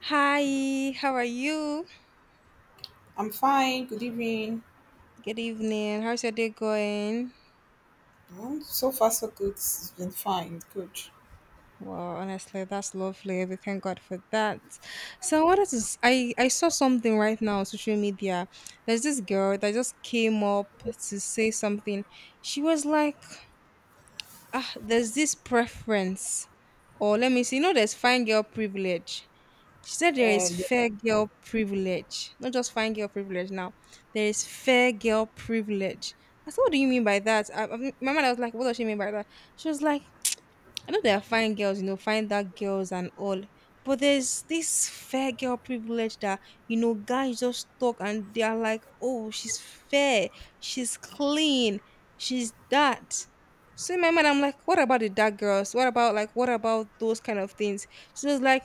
Hi, how are you? I'm fine. Good evening. Good evening. How's your day going? Well, so far, so good. It's been fine. Good. Well, honestly, that's lovely. We thank God for that. So I wanted to. S- I saw something right now on social media. There's this girl that just came up to say something. She was like, there's this preference, or let me see, there's fine girl privilege. She said there Uh, is fair girl privilege, not just fine girl privilege. Now there is fair girl privilege. I said, what do you mean by that? My mother was like, what does she mean by that? She was like, I know there are fine girls, you know, fine dark girls and all. But there's this fair girl privilege that, guys just talk and they are like, oh, she's fair, she's clean, she's that. So in my mind, I'm like, what about the dark girls? What about like, what about those kind of things? She was like,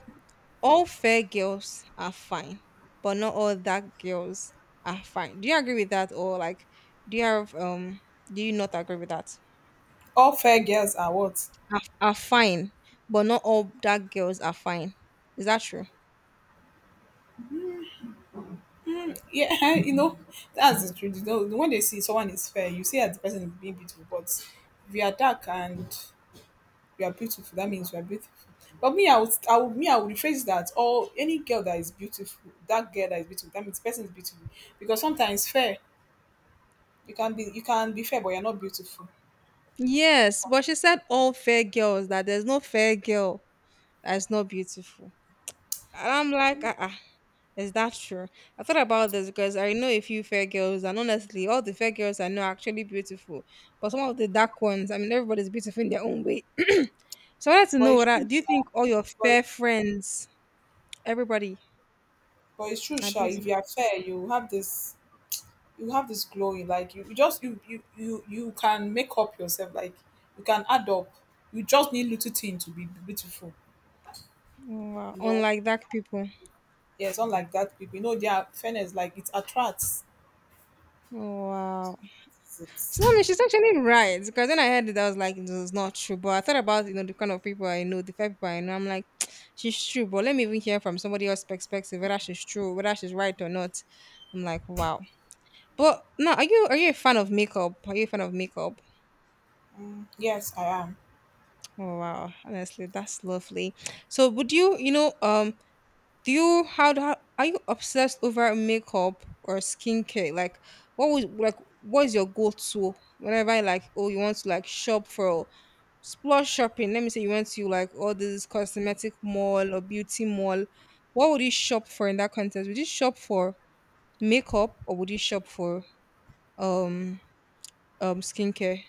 all fair girls are fine, but not all dark girls are fine. Do you agree with that, or like, do you have do you not agree with that? all fair girls are what? Are fine, but not all dark girls are fine. Is that true? Yeah, you know, that's the truth. You know, when they see someone is fair, you see that the person is being beautiful. But if you are dark and you are beautiful, that means you are beautiful. But me, I would rephrase that. Or any girl that is beautiful, that girl that is beautiful, that means the person is beautiful. Because sometimes fair, you can be fair, but you're not beautiful. Yes, but she said all fair girls that there's no fair girl that's not beautiful. And I'm like, is that true? I thought about this because I know a few fair girls, and honestly, all the fair girls I know are actually beautiful. But some of the dark ones, I mean, everybody's beautiful in their own way. So I wanted to But know it's whether true, do sha. you think all your but, fair friends, everybody, but it's true, are sha. If beautiful? you are fair, you have this glow. You like you just you, you you you can make up yourself, like you can add up, you just need little thing to be beautiful, Oh, wow, you know. unlike dark people. Yes, unlike that people, you know, their fairness, like it attracts. Oh, wow. it's, So I mean, she's actually right because when I heard it, I was like, it was not true. But I thought about you know the kind of people I know, the five people I know. I'm like, she's true, but let me even hear from somebody else's perspective whether she's true, whether she's right or not. I'm like, wow. But no, are you a fan of makeup? Are you a fan of makeup? yes, I am. Oh wow, honestly, that's lovely. So would you you know do you how, how are you obsessed over makeup or skincare like what was like what's your go-to whenever like oh you want to like shop for splurge shopping, let me say you went to like all this cosmetic mall or beauty mall, what would you shop for in that context? Would you shop for makeup or would you shop for um skincare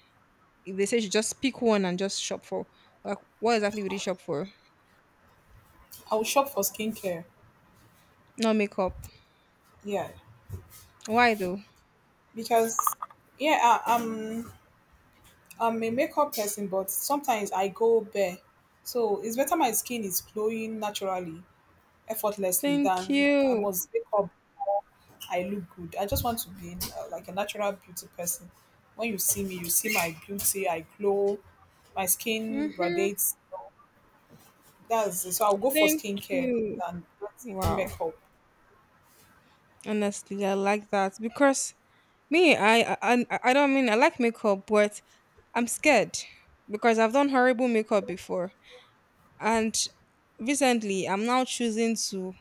if they say you just pick one and just shop for, like what exactly would you shop for? I will shop for skincare. Not makeup? Yeah, Why though? because yeah, I'm I'm a makeup person, but sometimes I go bare, so it's better my skin is glowing naturally, effortlessly, Thank than I you. must wake up before I look good. I just want to be like a natural beauty person. When you see me, you see my beauty. I glow. My skin Hmm. radiates. That's so. I'll go for Thank skincare you. than putting Wow. makeup, Honestly, I like that because me, I don't mean I like makeup, but I'm scared because I've done horrible makeup before, and recently I'm now choosing to,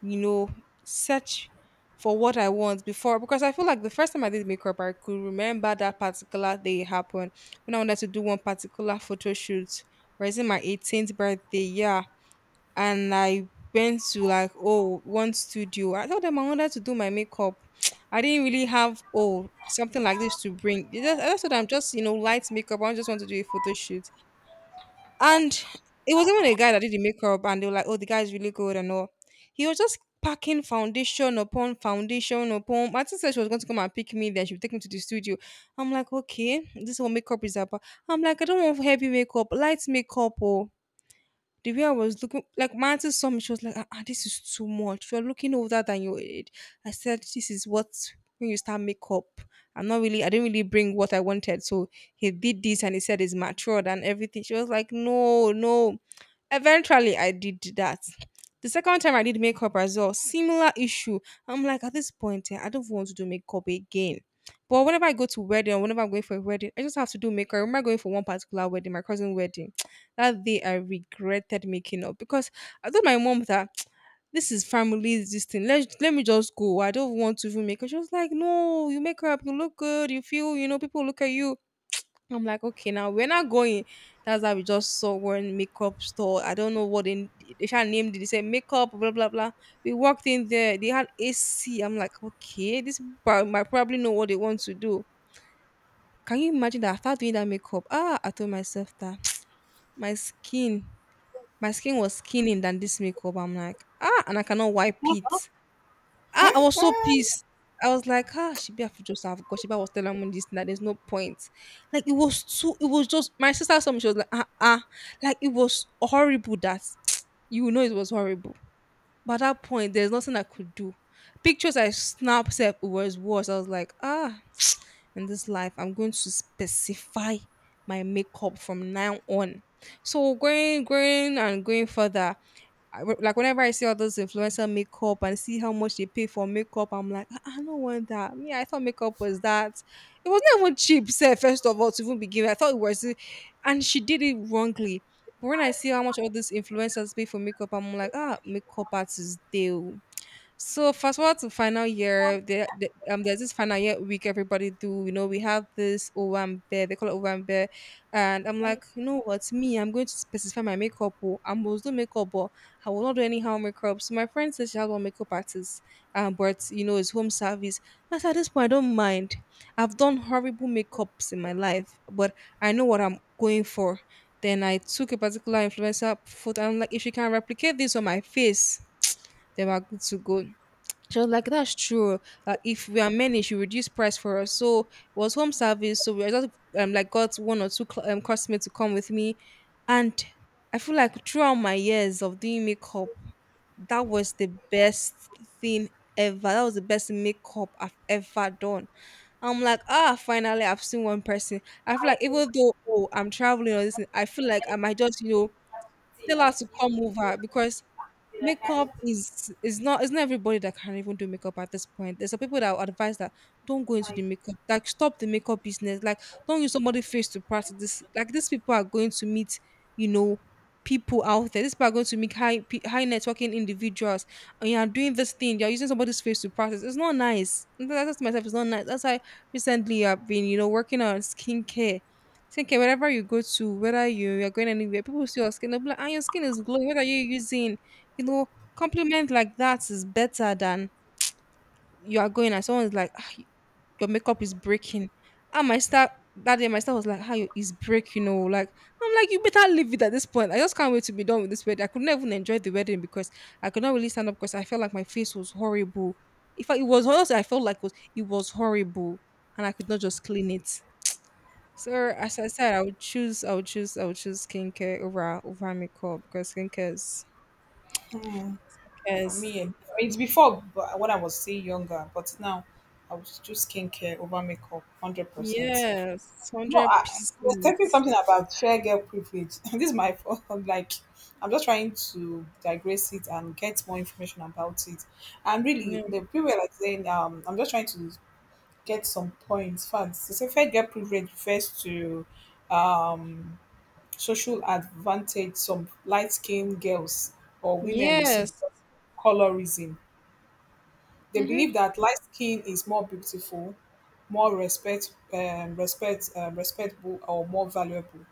you know, search for what I want before because I feel like the first time I did makeup, I could remember that particular day it happened when I wanted to do one particular photo shoot, raising my 18th birthday. Yeah, and I went to like oh one studio. I told them I wanted to do my makeup. I didn't really have oh something like this to bring. I just told them just you know light makeup. I just want to do a photo shoot, and it was even a guy that did the makeup, and they were like oh the guy is really good and all. He was just packing foundation upon foundation upon. Martin said she was going to come and pick me. Then she would take me to the studio. I'm like okay, this is what makeup is about. I'm like I don't want heavy makeup, light makeup. Oh, the way I was looking, like my auntie saw me, she was like, ah, ah, this is too much. You're looking older than your age. I said, this is what when you start makeup. I'm not really, I didn't really bring what I wanted. So he did this and he said it's matured and everything. She was like, no, no. Eventually, I did that. The second time I did makeup as well, similar issue. I'm like, at this point, eh, I don't want to do makeup again. But whenever I go to wedding or whenever I'm going for a wedding, I just have to do makeup. I remember going for one particular wedding, my cousin wedding. That day I regretted making up because I told my mom that this is family, this thing. Let me just go. I don't want to even make up. She was like, no, you make up, you look good, you feel, you know, people look at you. I'm like, okay, now we're not going. That's how we just saw one makeup store. I don't know what they should named it. They said makeup, blah blah blah. We walked in there, they had AC. I'm like, okay, might probably know what they want to do. Can you imagine that after doing that makeup? Ah, I told myself that my skin my skin was skinning than this makeup. I'm like, ah, and I cannot wipe it. Ah, I was so for pissed. I was like, ah, she be have to just have God. She was telling me this that there's no point. Like it was too it was just my sister Some she was like, ah ah. Like it was horrible that you know it was horrible. But at that point, there's nothing I could do. Pictures I snapped sef, it was worse. I was like, ah, in this life, I'm going to specify my makeup from now on. So going further, I w like, whenever I see all those influencer makeup and see how much they pay for makeup, I'm like, "Ah, I don't want that. Me, I thought makeup was that. It was not even cheap, sir, first of all, to even begin. With. I thought it was, and she did it wrongly. But when I see how much all these influencers pay for makeup, I'm like, ah, makeup artists, they so fast forward to final year, there, there's this final year week everybody do. You know, we have this Owambe, they call it Owambe, and I'm like, you know what, me, I'm going to specify my makeup. Oh, I must do makeup, but I will not do any harm makeup. So my friend says she has one makeup artist, but you know, it's home service. That's at this point I don't mind. I've done horrible makeups in my life, but I know what I'm going for. Then I took a particular influencer photo. I'm like, if she can replicate this on my face, then we're good to go. She was like, that's true. If we are many, she reduce price for us. So it was home service. So we I just like got one or two customers to come with me. And I feel like throughout my years of doing makeup, that was the best thing ever. That was the best makeup I've ever done. I'm like, ah, finally I've seen one person. I feel like even though oh, I'm traveling or this, I feel like I might just, you know, tell her to come over because makeup is not everybody that can even do makeup at this point. There's some people that would advise that don't go into the makeup, like stop the makeup business, like don't use somebody's face to practice this. Like these people are going to meet, you know, people out there. These people are going to meet high networking individuals, and you are doing this thing. You're using somebody's face to practice. It's not nice. That's myself. It's not nice. That's why recently I've been, you know, working on skincare. Skincare, wherever you go to, whether you're going anywhere, people see your skin, they'll be like, ah, your skin is glowing. What are you using? You know, compliment like that is better than you are going and someone's like, "Ah, your makeup is breaking. And my star that day, my star was like, how you is breaking. You know, like I'm like, you better leave it at this point. I just can't wait to be done with this wedding. I could not even enjoy the wedding because I could not really stand up because I felt like my face was horrible. In fact, it was honestly, I felt like it was horrible, and I could not just clean it. So as I said, I would choose skincare over makeup because is me. It's before, but when I was still younger. But now I would choose skincare over makeup, 100%. Yes, No, I was talking 100%. something about fair girl privilege. This is my fault. I'm like, I'm just trying to digress it and get more information about it. And really, Yeah. the people were like saying, I'm just trying to get some points, facts. They say fair girl privilege refers to um, social advantage some light-skinned girls or women receive Yes. because of colorism. They Mm-hmm. believe that light skin is more beautiful, more respect, respectable, or more valuable,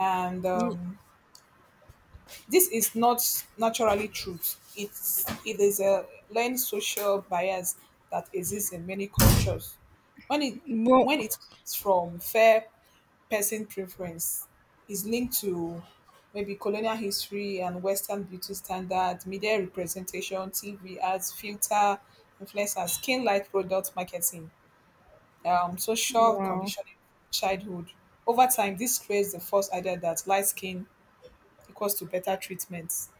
and this is not naturally truth. It is a learned social bias that exists in many cultures. When it Well, when it comes from fair person preference, is linked to maybe colonial history and Western beauty standards, media representation, TV ads, filter, influencers, skin light product marketing, social wow. conditioning, childhood. Over time, this creates the false idea that light skin equals to better treatments.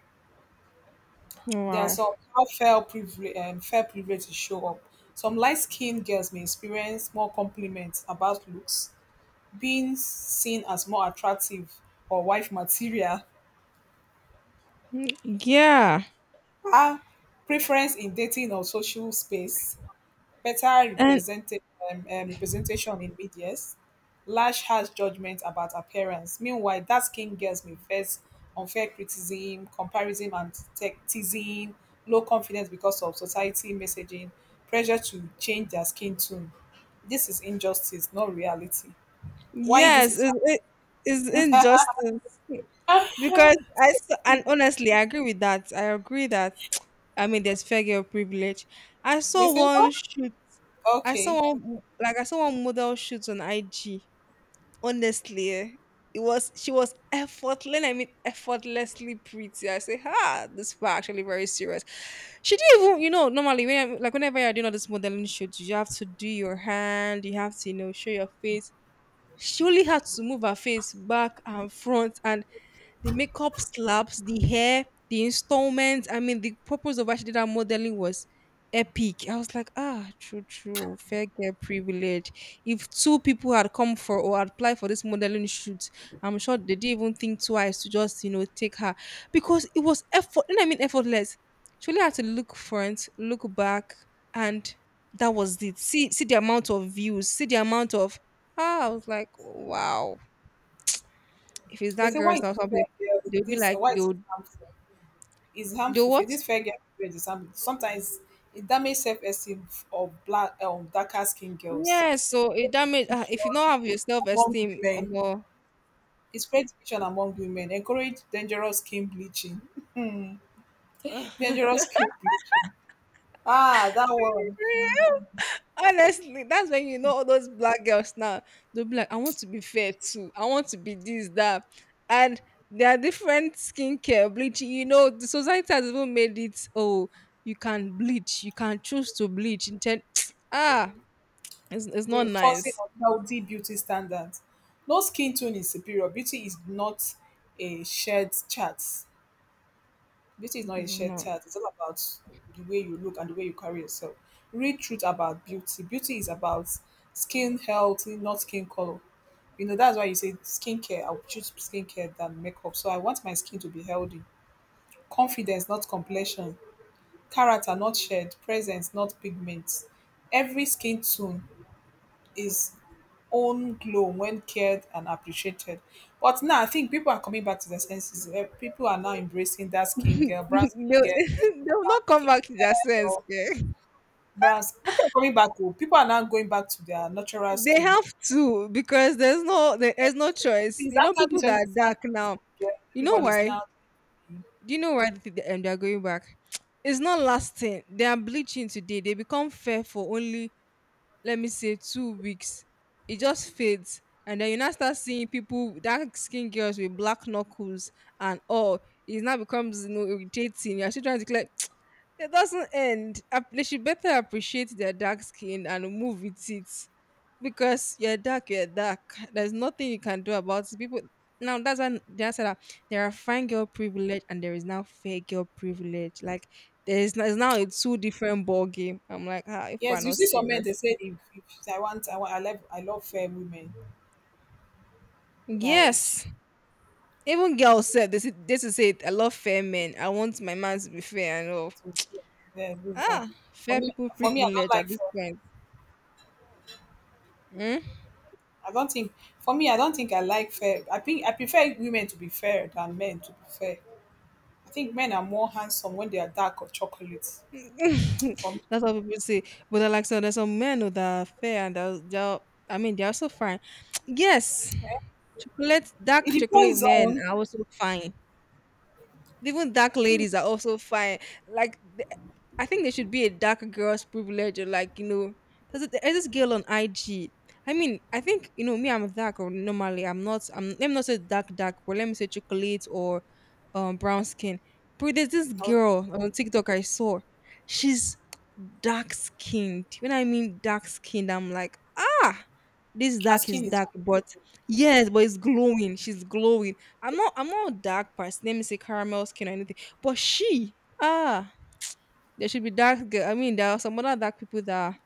There are Wow. some how fair privilege is show up. Some light-skinned girls may experience more compliments about looks, being seen as more attractive or wife material. Mm, yeah. Ah, preference in dating or social space, better And represented, representation in medias, lash harsh judgment about appearance. Meanwhile, dark skinned girls may face unfair criticism, comparison and teasing, low confidence because of society messaging, pressure to change their skin tone. This is injustice, not reality. Why this yes, is it is injustice. happening? Because I s- and honestly, I agree with that. I agree that I mean there's fair girl privilege. I They saw say, one what? shoot. Okay. I saw one model shoot on IG. Honestly, it was, she was effortless, I mean effortlessly pretty. I say, ah, this was actually very serious. She didn't even, normally whenever you're doing all this modeling shoots, you have to do your hand, you have to, you know, show your face. She only had to move her face back and front, and the makeup slaps, the hair, the installments. I mean, the purpose of actually that modeling was epic. I was like, ah, true, fair girl privilege. If two people had come for or had applied for this modeling shoot, I'm sure they didn't even think twice to just, you know, take her because it was effort. And I mean, effortless. She only had to look front, look back, and that was it. See, see the amount of views, see the amount of. Ah, I was like, wow, if it's They that say, girl, why is it's this not something fair girls? they'll be This like why they is it would harmful? Is do harmful. For what? this fair girl syndrome is harmful. Sometimes it damages self esteem of black, darker skinned girls. Yes, so it damage, if you Division don't have your self among esteem or women. more. It spreads division among women. Encourage dangerous skin bleaching. Dangerous skin bleaching. Ah, that one. Honestly, that's when you know all those black girls now. They'll be like, I want to be fair too. I want to be this, that. And there are different skincare, bleaching. You know, the society has even made it, oh, you can bleach. You can choose to bleach. Ah, it's not Reinforcing nice. unhealthy beauty standards. No skin tone is superior. Beauty is not a shared chart. Beauty is not a It's shared not. tag. It's all about the way you look and the way you carry yourself. Real truth about beauty. Beauty is about skin health, not skin color. You know, that's why you say skincare. I would choose skincare than makeup. So I want my skin to be healthy. Confidence, not complexion. Character, not shared. Presence, not pigments. Every skin tone is own glow when cared and appreciated. But now I think people are coming back to their senses. Eh, people are now embracing that skin girl, brown skin they'll, girl, they'll not come skin back to their care sense. or Okay? brown. People are coming back. Oh. People are now going back to their natural They skin. have to because there's no there's no Yes. choice. Since You know, after this people that are person sang dark brown now. skin, You know everybody's why? now. Do you know why they are going back? It's not lasting. They are bleaching today. They become fair for only, let me say, two weeks. It just fades, and then you now start seeing people, dark skin girls with black knuckles and all. It now becomes, you know, irritating. You're still trying to like, it doesn't end. They should better appreciate their dark skin and move with it. Because you're dark, there's nothing you can do about it, people. Now that's when they said that there are fine girl privilege, and there is now fair girl privilege. Like there's now, it's now a two different ball game. I'm like, ah, if we're Yes, you not see some men. They serious. say, if I want, I love fair women. Like, Yes, even girls said, this is it. I love fair men. I want my man to be fair and all. to, yeah, with that. Ah, fair people For me, I don't privilege like at this fair. point. Hmm? I don't think. For me, I don't think I like fair. I think I prefer women to be fair than men to be fair. I think men are more handsome when they are dark or chocolate. For me, That's what people say. But they like, so there's some men who that are fair, and they're I mean they're also fine. Yes, chocolate, it dark chocolate depends men on. are also fine. Even dark I think. ladies are also fine. Like, I think there should be a dark girl's privilege, or like, you know, there's this girl on IG. I mean, I think you know me. I'm dark, or normally I'm not. I'm, let me not say dark, dark, but let me say chocolate or brown skin. But there's this Well, girl on TikTok I saw. She's dark skinned. When I mean dark skinned, I'm like, ah. This her dark is skin is dark, but yes, but it's glowing. She's glowing. I'm not a dark person. Let me say caramel skin or anything. But she, ah, there should be dark girl. I mean, there are some other dark people that are,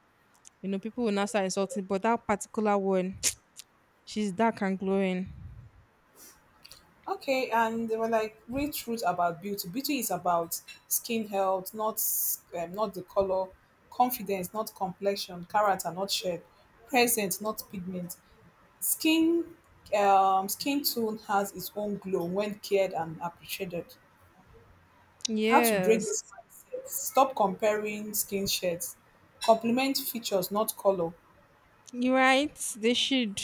you know, people will not start insulting, but that particular one, she's dark and glowing. okay, and they were like real truth about beauty. Beauty is about skin health, not not the color, confidence, not complexion, character, not shape, presence, not pigment. Skin Skin tone has its own glow when cared and appreciated. How to break this Yes. mindset? Stop comparing skin shades. Complement features, not color. You're right. They should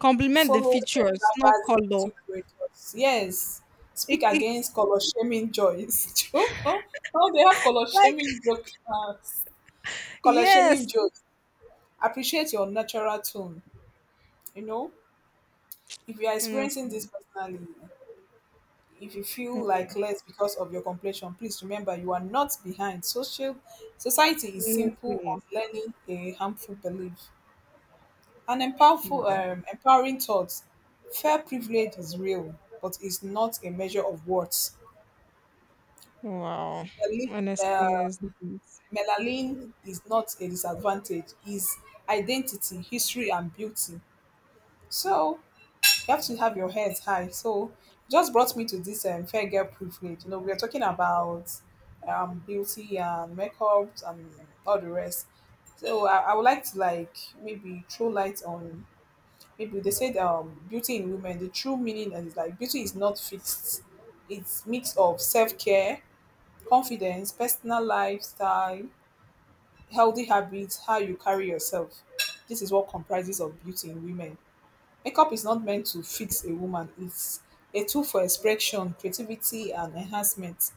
compliment the Follow features, not color. diversity creators. Yes, speak It, it, against color shaming joys. Oh, they have color like shaming jokes. Color shaming yes, jokes. Appreciate your natural tone. You know, if you are experiencing this honestly, personally, if you feel like eh, less because of your complexion, please remember you are not behind. Social society is simple honestly, on learning a harmful belief. An empowerful, wow, empowering thought. Fair privilege is real, but it's not a measure of worth. wow. Melanin Honestly, is uh, nice. Melanin is not a disadvantage, is identity, history, and beauty. So you have to have your heads high. So just brought me to this fair girl privilege. You know, we are talking about beauty and makeup and all the rest. So I would like to like maybe throw light on people. They said beauty in women, the true meaning is like beauty is not fixed, it's mix of self-care, confidence, personal lifestyle, healthy habits, how you carry yourself. This is what comprises of beauty in women. Makeup is not meant to fix a woman, it's a tool for expression, creativity and enhancement.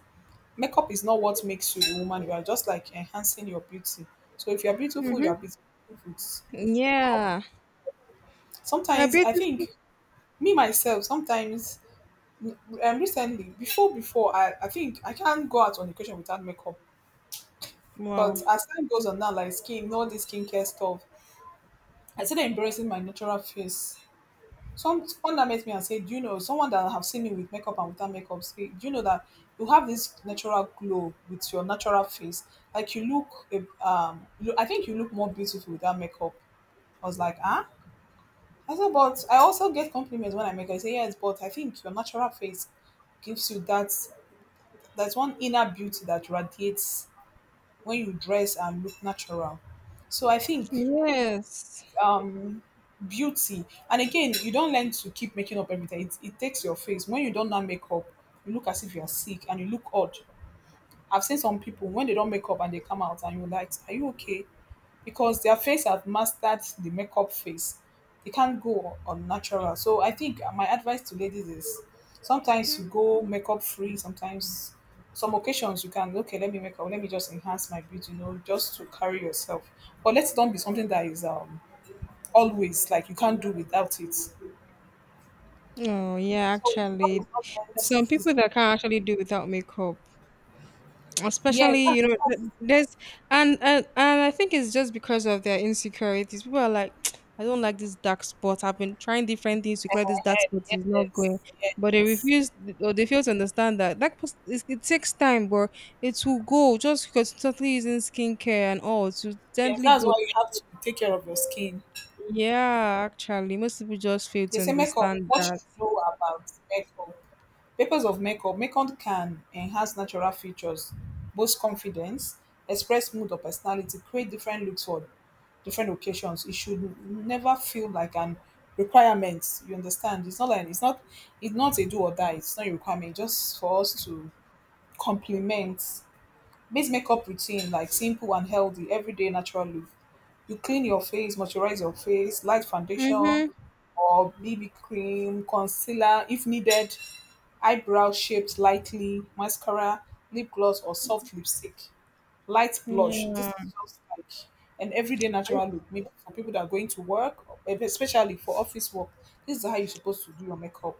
Makeup is not what makes you a woman, you are just like enhancing your beauty. So if you're beautiful, you Mm-hmm. are beautiful. Yeah, a Sometimes I beautiful. think, me myself sometimes, um, recently, before I think I can't go out on occasion without makeup. Wow. But as time goes on now, like skin, all this skincare stuff, I started embracing my natural face. Someone that met me and said, "Do you know someone that have seen me with makeup and without makeup? Say, do you know that you have this natural glow with your natural face? Like you look, you, I think you look more beautiful without makeup." I was like, "Ah." I said, "But I also get compliments when I make." I say, "Yes, but I think your natural face gives you that there's one inner beauty that radiates when you dress and look natural. So I think Yes. um, beauty, and again, you don't learn to keep making up every day. It takes your face. When you don't now make up, you look as if you're sick and you look odd. I've seen some people when they don't make up and they come out and you're like, are you okay? Because their face have mastered the makeup face. They can't go on natural. So I think my advice to ladies is sometimes Mm. you go makeup free, sometimes some occasions you can okay, let me make up, let me just enhance my beauty, you know, just to carry yourself. But let's don't be something that is always like you can't do without it. So Oh yeah, makeup actually, is not meant there's some is people that can't actually do without makeup. yes, Especially, that's you know, there's, and I think it's just because of their insecurities. People are like, I don't like this dark spot. I've been trying different things to in clear this my dark spot. It's head. not going, Yes, but they yes. refuse or they fail to understand that it takes time, but it will go. Just constantly using skincare and all to Yes, gently that's why go. you have to take care of your skin. Yeah, actually, most people just fail They to say makeup. understand What you that. should know about makeup? Purpose of makeup. Makeup can enhance natural features, boost confidence, express mood or personality, create different looks for different occasions. It should never feel like an requirement. You understand? It's not a do or die. It's not a requirement. Just for us to complement. Make makeup routine like simple and healthy, everyday natural look. You clean your face, moisturize your face, light foundation Mhm. or BB cream, concealer if needed, eyebrow shaped lightly, mascara, lip gloss or soft lipstick, light blush. This Yeah. is just like an everyday I- natural look, maybe for people that are going to work, especially for office work. This is how you're supposed to do your makeup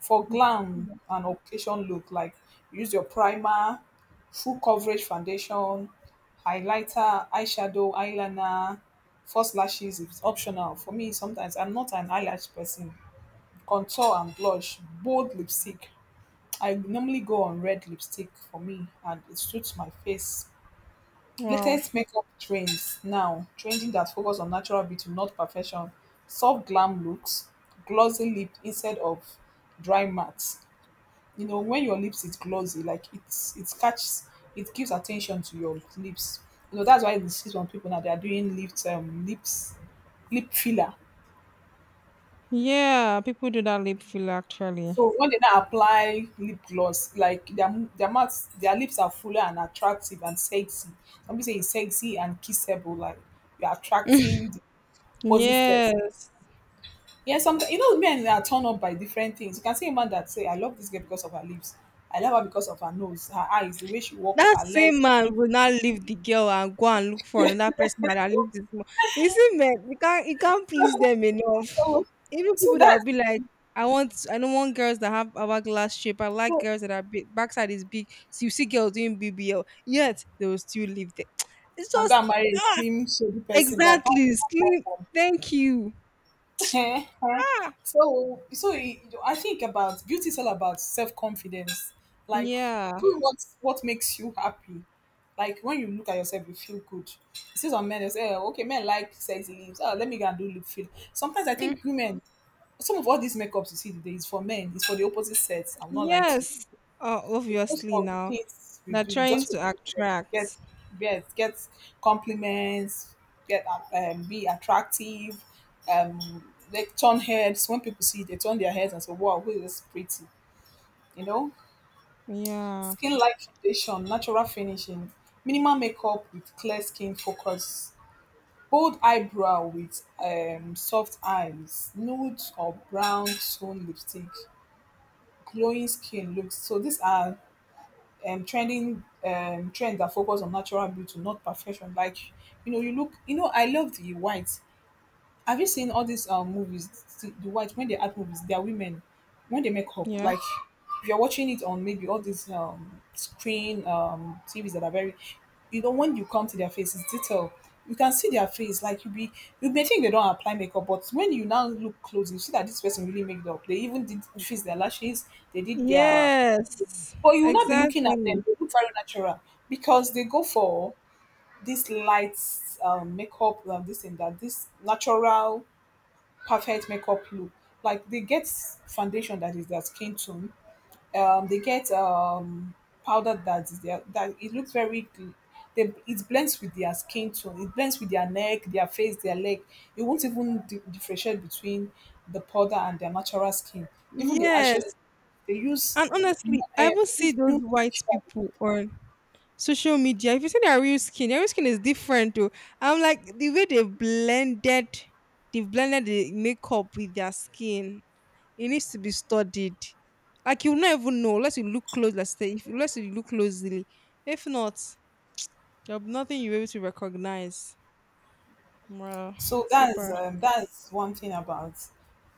for glam and occasion look. Like, use your primer, full coverage foundation, highlighter, eyeshadow, eyeliner. False lashes is optional for me. Sometimes I'm not an eyelash person. Contour and blush, bold lipstick. I normally go on red lipstick for me and it suits my face. Wow. Latest makeup trends now trending that focus on natural beauty, not perfection. Soft glam looks, glossy lip instead of dry matte. You know, when your lips is glossy, like it catches, it gives attention to your lips. You know, that's why you see some people now they are doing lip lip filler. Yeah, people do that lip filler actually. So when they now apply lip gloss, like their their mouth, their lips are fuller and attractive and sexy. Some people say it's sexy and kissable, like you're attracting the opposite sex. Yes. Yeah, sometimes, you know, men are turned on by different things. You can see a man that say, I love this girl because of her lips, I love her because of her nose, her eyes, the way she walks, That her legs. same man will now leave the girl and go and look for another person that leaves this more. You see, men, you can't please them enough. So, Even so people that will that's, be like, I don't want girls that have hourglass shape. I like so girls that are big, backside is big. So you see girls doing BBL, yet they will still leave there. It's I'm just, gonna marry a ah, slim shady person that don't exactly even slim. perform. Thank you. Ah, So I think about beauty is all about self confidence. Like, yeah. do what makes you happy. Like, when you look at yourself, you feel good. You see some men, they say, "Oh, okay, men like sexy lips. Oh, let me go and do lip fill." Sometimes I Mm, think women, some of all these makeups you see today is for men. It's for the opposite sex. I'm not lie to you. yes. Because Obviously of now. things we They're do, you trying just to repeated. attract. Get, yes, get compliments, get be attractive, like turn heads. When people see you, they turn their heads and say, "Wow, who is this pretty?" You know, Yeah. skin light foundation, natural finishing, minimal makeup with clear skin focus, bold eyebrow with soft eyes, nude or brown tone lipstick, glowing skin looks. So these are trending trends that focus on natural beauty, not perfection. Like, you know, you look, you know, I love the white. Have you seen all these movies, the white, when they act movies, they are women, when they make up, Yeah. like, if you're watching it on maybe all these screen TVs that are very, you know, when you come to their faces, detail, you can see their face. Like you be, you may think they don't apply makeup, but when you now look close, you see that this person really made it up. They even did fix their lashes, they did their, Yes. but you will not be looking at them. Exactly. They look very natural because they go for this light makeup and this and that, this natural, perfect makeup look. Like, they get foundation that is their skin tone. They get powder that is their, that it looks very they, it blends with their skin tone. It blends with their neck, their face, their leg. You won't even differentiate between the powder and their natural skin. Even the Yes. eyeshadow they use, And honestly, I even they see use those new white eyeshadow. people on social media. If you see their real skin is different too. I'm like, the way they blended, they've blended the makeup with their skin. It needs to be studied. Like, you'll not even know unless you look close, let's say, if unless you look closely. If not, there'll be nothing you're able to recognize. Wow. So Super. That's one thing about,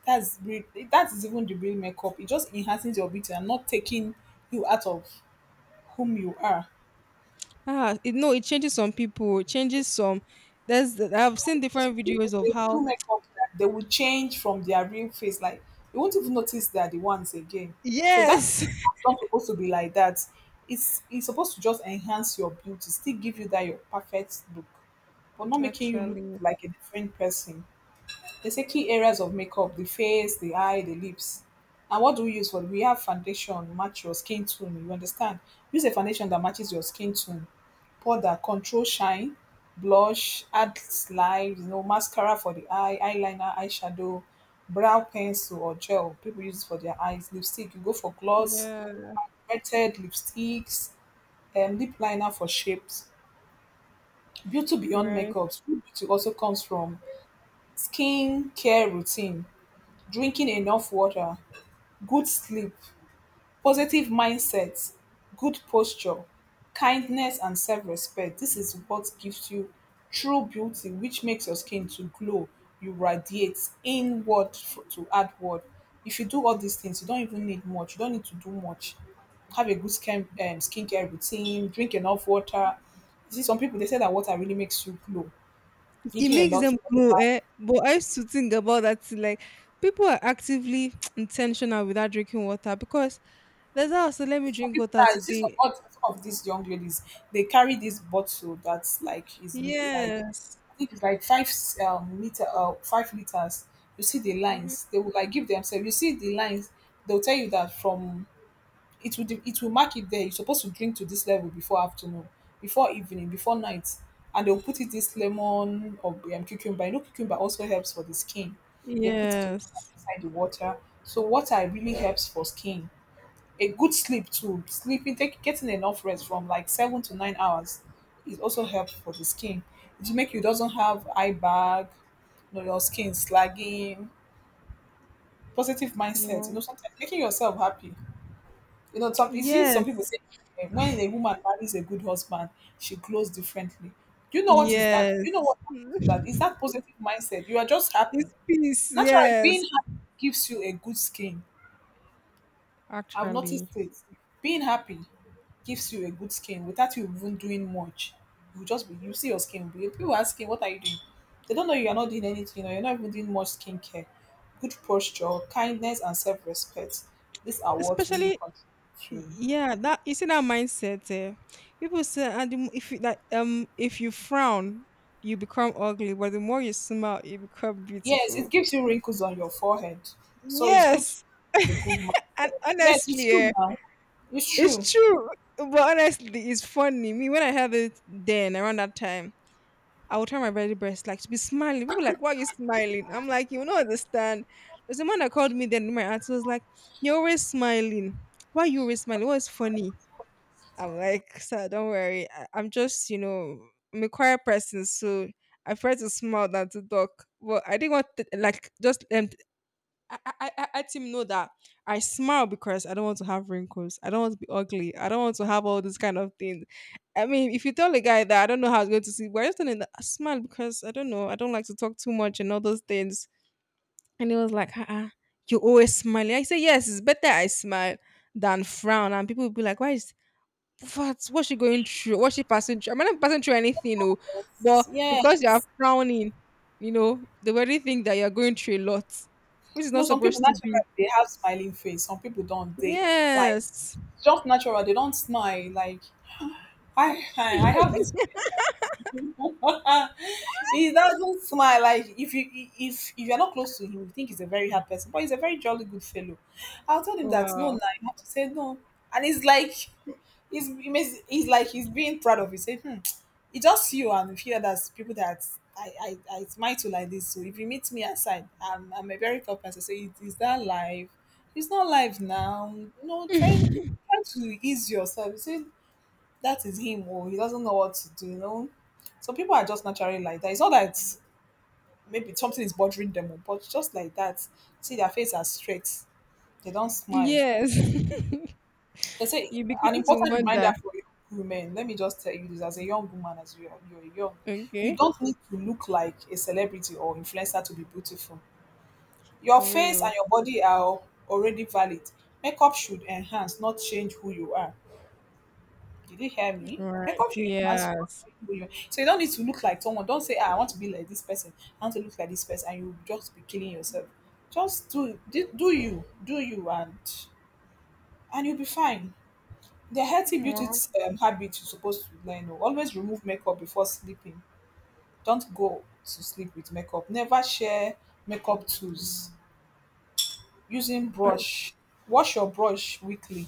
that's re- that is even the real makeup. It just enhances your beauty and not taking you out of whom you are. Ah, it, no, it changes some people. It changes some. There's, I've seen So different people, videos of they do how makeup that they will change from their real face. Like, you won't even notice they are the ones again. So that's yes, not supposed to be like that. It's supposed to just enhance your beauty, still give you that your perfect look, but not making you look actually, like a different person. They say key areas of makeup: the face, the eye, the lips. And what do we use for? We have foundation, match your skin tone. You understand? Use a foundation that matches your skin tone. Powder, control shine, blush, add slide, you know, mascara for the eye, eyeliner, eyeshadow, brow pencil or gel. People use it for their eyes. Lipstick, you go for gloss, yeah, wetted lipsticks, lip liner for shapes. Beauty beyond right. makeup. True beauty also comes from skin care routine, drinking enough water, good sleep, positive mindset, good posture, kindness, and self respect. This is what gives you true beauty, which makes your skin to glow. You radiate inward to outward. If you do all these things, you don't even need much. You don't need to do much. Have a good skincare routine. Drink enough water. You see, some people they say that water really makes you glow. It Drinking a makes lot, them glow, eh? But I used to think about that thing. Like, people are actively intentional without drinking water because there's also, let me some drink people water that you see, today. Some of these young ladies, they carry this bottle that's like is like, Yes. I think it's like five liter 5 liters. You see the Hmm. lines they will like give themselves. You see the lines they'll tell you that from, it will mark it there. You're supposed to drink to this level before afternoon, before evening, before night, and they'll put it this lemon or cucumber. You know, cucumber also helps for the skin. They put cucumber Yes. inside the water, so water really helps for skin. A good sleep too, sleeping, take getting enough rest from like 7 to 9 hours is also help for the skin. It will make you doesn't have eye bag, you know, your skin slagging. Positive mindset, you Yeah. know, sometimes making yourself happy, you know, some, you see some people Yes. say, eh, when a woman marries a good husband, she glows differently. Do you know what is that? Do you know Yes. what happens to that is that positive mindset? You are just happy, It's peace. naturally being Yes. happy gives you a good skin. I've noticed Actually, it. Being happy gives you a good skin without you even doing much. You just be, you see your skin. If people asking, what are you doing? They don't know you are not doing anything or you're not even doing much skincare. Good posture, kindness, and self respect. These are what really especially contribute to. yeah, that you see, that mindset, eh? People say, and if you like, if you frown, you become ugly, but the more you smile, you become Yes, it beautiful. gives you wrinkles on your forehead. So it's good to Yes. have a good And mindset. Yes, it's honestly, true now. It's true. it's true. But honestly, it's funny me when I heard it then around that time. I would tell my very best, like, to be smiling. People like, why are you smiling? I'm like, you will not understand. There's a man that called me then, my answer was like, you're always smiling, why are you always smiling, what's funny? I'm like, sir, don't worry. I'm just, you know, I'm a quiet person, so I prefer to smile than to talk. But I didn't want to, like, just I let him know that I smile because I don't want to have wrinkles. I don't want to be ugly. I don't want to have all these kind of things. I mean, if you tell a guy that, I don't know how he's going to see, but I just telling him that I smile because I don't know. I don't like to talk too much and all those things. And he was like, uh-uh, you always smiling. I say, yes, it's better I smile than frown. And people will be like, why is, what? What's she going through? What's she passing through? I'm not passing through anything, no. But Yeah. because you are frowning, you know, they already think that you're going through a lot, which is You know, not some people supposed to naturally be. they have smiling face. Some people don't. They, like, Yes. just natural. They don't smile. Like, I have this friend. He doesn't smile. Like, if you, if you're not close to him, you think he's a very hard person, but he's a very jolly good fellow. I'll tell him that no, no, Wow. you have to say no, and it's like he's, he makes, he's like, he's being proud of it, say, hmm. It's just you and a few others, people that I smile my like this. So if you meet me outside, I'm a very tough person. Say, "Is it, is that live? It's not live now. No, try try to ease yourself." You say that is him or he doesn't know what to do. You know, some people are just naturally like that. It's not that maybe something is bothering them, oh, but just like that. See, their face are straight. They don't smile. Yes. They say You an begin to important reminder wonder. for young women. Let me just tell you this: as a young woman, as you are, you're young, you Okay. don't need to look like a celebrity or influencer to be beautiful. Your face and Real. your body are already valid. Makeup should enhance, not change who you are. Did you hear me? Right. Makeup should enhance, not Yes. change who you are. So you don't need to look like someone. Don't say, ah, "I want to be like this person. I want to look like this person," and you just be killing yourself. Just do you, do you, and you'll be fine. The healthy beauty Wow. Habit you're supposed to learn. Oh, always remove makeup before sleeping. Don't go to sleep with makeup. Never share makeup tools. Using brush, wash your brush weekly.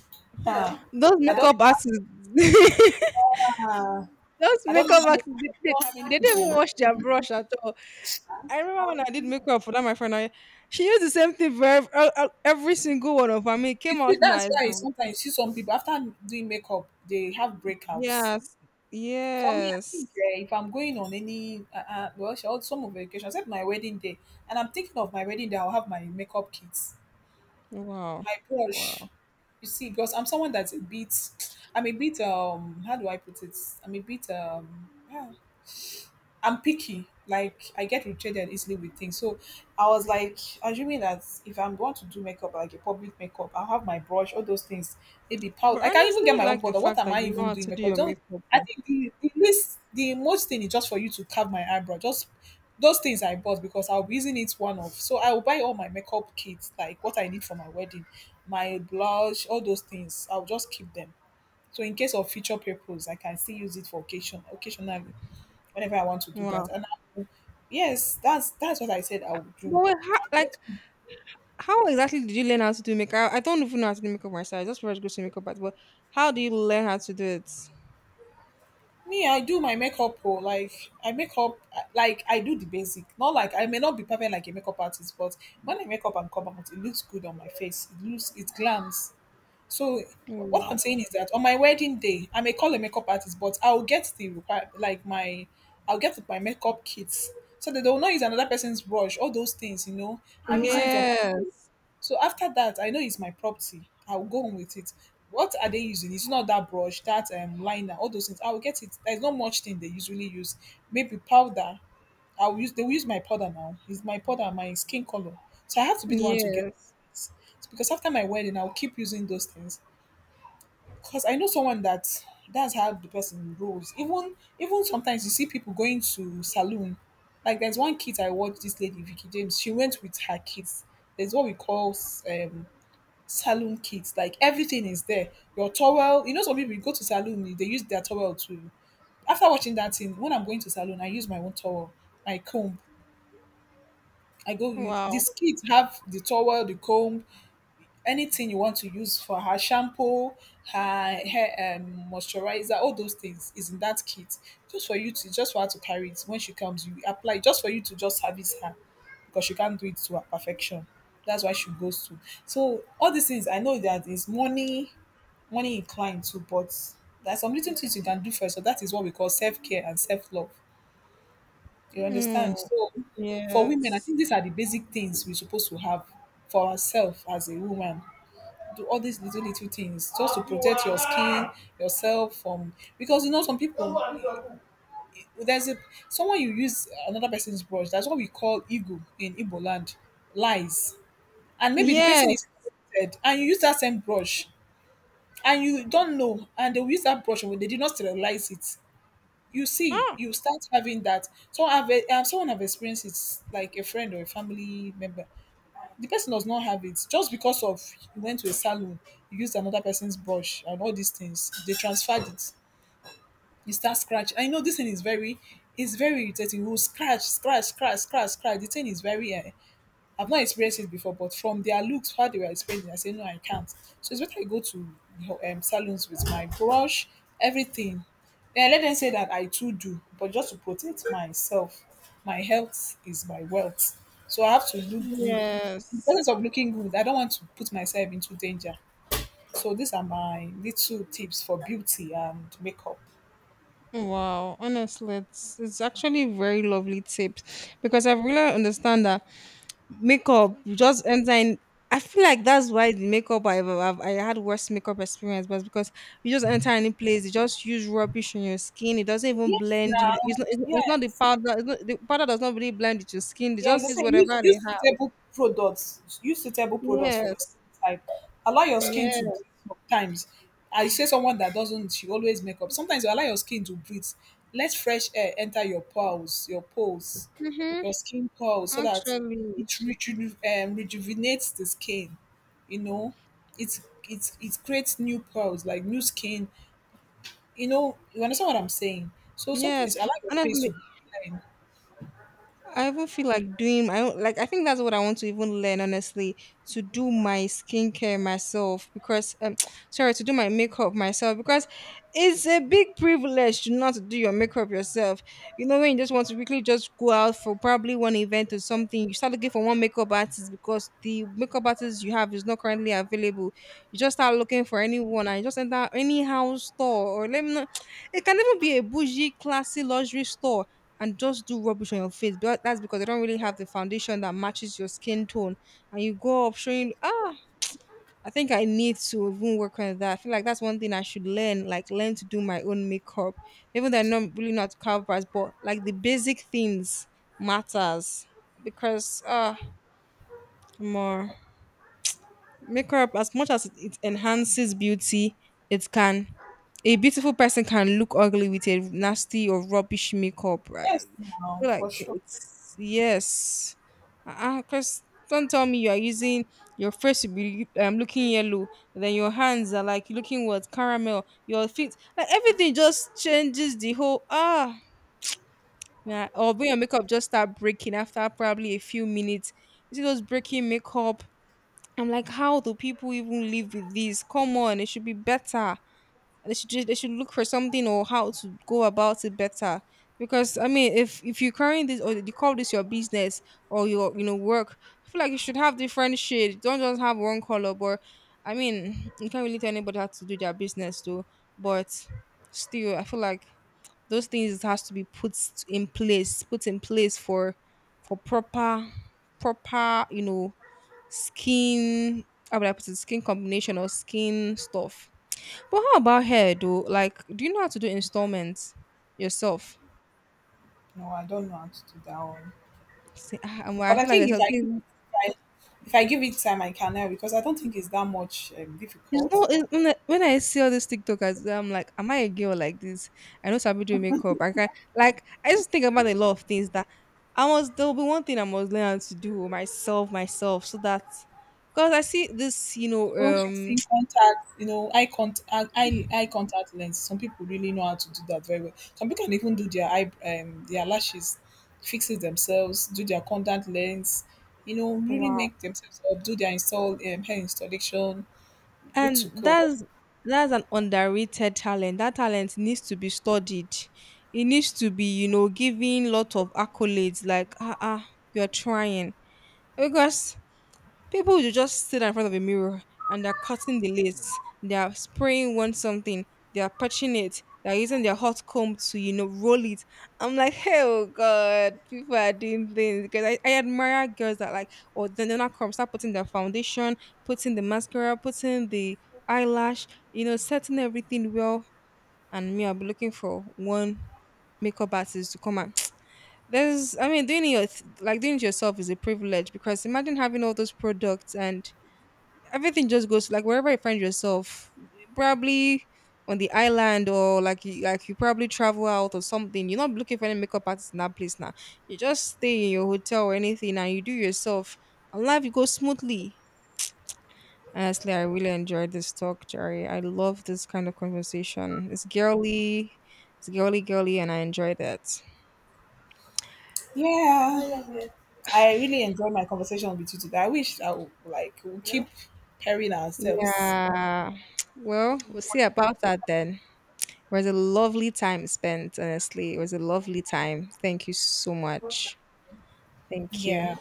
Those Huh. I don't. makeup artists. Uh, Those I don't know makeup how many. artists, I don't know how many they don't even people. wash their brush at all. I remember when I did makeup for that, my friend. I, she used the same thing for every single one of them. It You came see, out that's nice. why sometimes you see some people after doing makeup they have breakouts. Yes, For me, I yes. think, eh, if I'm going on any well, some of vacation, except my wedding day, and I'm thinking of my wedding day, I'll have my makeup kits, Wow, my brush. wow. You see, because I'm someone that's a bit, I'm a bit, how do I put it? I'm a bit, yeah, I'm picky. Like, I get irritated easily with things. So I was like assuming that if I'm going to do makeup, like a public makeup, I'll have my brush, all those things, maybe powder. But I can even get honestly, my own like, the powder. What fact am that I you know even how doing to do makeup? your Don't, makeup. I Oh. think the least, the most thing is just for you to carve my eyebrow. Just those things I bought because I'll be using it one off. So I will buy all my makeup kits, like what I need for my wedding, my blush, all those things. I'll just keep them. So in case of future purpose, I can still use it for occasion occasionally whenever I want to do that. Wow. And I, yes, that's what I said I would But do. wait, how, like, Get- how exactly did you learn how to do makeup? I don't even know how to do makeup myself. I just first go to makeup artist. But how do you learn how to do it? Me, I do my makeup. Oh, like I make up, like I do the basic. Not like I may not be perfect like a makeup artist, but when I make up and come out, it looks good on my face. It looks, it glams. So what I'm Wow. saying is that on my wedding day, I may call a makeup artist, but I'll get my makeup kits so that they will not use another person's brush, all those things, you know. Oh I'm Oh using my it on God. My face. Yes. So after that, I know it's my property. I'll go on with it. What are they using? It's not that brush, that liner, all those things. I'll get it. There's not much thing they usually use. Maybe powder. I'll use they will use my powder now. It's my powder, my skin color. So I have to be the one to get Yes. those things. It's because after my wedding, I'll keep using those things. Because I know someone that that's how the person rolls. Even sometimes you see people going to saloon. Like there's one kid I watched this lady Vicky James. She went with her kids. There's what we call um, saloon kids. Like everything is there. Your towel. You know some people you go to saloon they use their towel to. After watching that thing, when I'm going to saloon, I use my own towel, my comb. I go. Wow. These kids have the towel, the comb, anything you want to use for her shampoo, her hair moisturizer, all those things is in that kit. Just for her to carry it when she comes, you apply just for you to just service her because she can't do it to her perfection. That's why she goes to. So all these things I know that is money, money inclined too, but there's some little things you can do first. So that is what we call self care and self love. You Mm. understand? So for women, I Yes. think these are the basic things we're supposed to have for ourselves as a woman, do all these little little things just to protect your skin, yourself from, because you know some people, there's a someone you use another person's brush, that's what we call ego in Igbo land, lies, and maybe the person Yes. is dead and you use that same brush and you don't know and they will use that brush when they did not sterilize it, you see, Ah, you start having that. So I've someone I've experienced, it's like a friend or a family member. The person does not have it just because of, you went to a salon, you used another person's brush and all these things. They transferred it. You start scratch. I know this thing is very, it's very irritating. You will scratch, scratch, scratch, scratch, scratch. The thing is very I've not experienced it before, but from their looks, how they were explaining, I said, no, I can't. So it's better I go to, you know, salons with my brush, everything. Then I let them say that I too do, but just to protect myself. My health is my wealth. So I have to look good. In the yes. process of looking good, I don't want to put myself into danger. So these are my little tips for beauty and makeup. Wow. Honestly, it's actually very lovely tips because I really understand that makeup you just enter in. I feel like that's why the makeup I had worst makeup experience was because you just enter any place, you just use rubbish on your skin. It doesn't even Yes, blend. Now. It's not. It's not the Yes. powder. It's not, the powder does not really blend with your skin. They Yeah, just the use same. Whatever Use they have. suitable products. Use suitable products for your skin Yes. type. Allow your skin to breathe Yes. sometimes. I say someone that doesn't, she always make up. Sometimes you allow your skin to breathe. Let fresh air enter your pores, your pores, Mm-hmm. your skin pores, so that Actually, rejuvenates the skin. You know, it's it creates new pores, like new skin. You know, you understand what I'm saying. So yes. sometimes allow your face Honestly, to be plain. I even feel like doing my own, like, I think that's what I want to even learn honestly, to do my skincare myself because sorry, to do my makeup myself because it's a big privilege to not do your makeup yourself. You know when you just want to quickly just go out for probably one event or something, you start looking for one makeup artist because the makeup artist you have is not currently available. You just start looking for anyone and you just enter any house store or let me know, it can even be a bougie, classy luxury store and just do rubbish on your face. But that's because they don't really have the foundation that matches your skin tone. And you go up showing, ah, I think I need to even work on that. I feel like that's one thing I should learn, like learn to do my own makeup. Even though I'm not really not covers, but like the basic things matters because more. Makeup, as much as it enhances beauty, it can, a beautiful person can look ugly with a nasty or rubbish makeup. Right? Yes, I now feel for like sure. it's yes, because don't tell me you are using, your face will be looking yellow, then your hands are like looking what caramel, your feet, like everything just changes the whole, ah. Yeah, or when your makeup just start breaking after probably a few minutes. You see those breaking makeup, I'm like, how do people even live with this? Come on, it should be better. They should just, they should look for something or how to go about it better. Because I mean, if you're carrying this or you call this your business or your, you know, work, I feel like you should have different shade. Don't just have one color. But I mean, you can't really tell anybody how to do their business though. But still, I feel like those things has to be put in place for proper proper, you know, skin, how would I put it? Skin combination or skin stuff. But how about hair though? Like, do you know how to do installments yourself? No, I don't know how to do that one. Say, ah, But I I feel like think there's if I give something. it time, if I give it time, I can now because I don't think it's that much It's difficult. not it- when I see all these TikTokers, I'm like, am I a girl like this? I know Sabi do makeup. I can, like, I just think about a lot of things that I must. There will be one thing I must learn how to do myself, myself, so that because I see this, you know, Even fixing contact, you know, eye contact, eye contact lens. Some people really know how to do that very well. Some people can even do their eye, their lashes, fix it themselves, do their contact lens, you know, really wow. make themselves up, do their install, hair installation, good to And go. that's an underrated talent. That talent needs to be studied. It needs to be, you know, given lot of accolades like, ah, ah, you're trying. Because people will just sit in front of a mirror and they're cutting the lace, they're spraying one something, they're patching it, they're using their hot comb to, you know, roll it. I'm like, hell God, people are doing things because I admire girls that like, or then they're not come, start putting their foundation, putting the mascara, putting the eyelash, you know, setting everything well. And me, I'll be looking for one makeup artist to come and there's I mean doing it your- like doing it yourself is a privilege because imagine having all those products and everything just goes like wherever you find yourself, probably on the island or like like you probably travel out or something. You're not looking for any makeup artist in that place now. You just stay in your hotel or anything and you do yourself, and life goes smoothly. Honestly, I really enjoyed this talk, Jerry. I love this kind of conversation. It's girly, girly, and I enjoyed it. Yeah. I really enjoyed my conversation with you today. I wish I would, like we'll keep pairing ourselves. Yeah. Well, we'll see about that then. It was a lovely time spent, honestly. It was a lovely time. Thank you so much. Thank you. Yeah.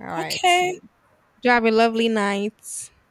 All right. Okay. Do have a lovely night.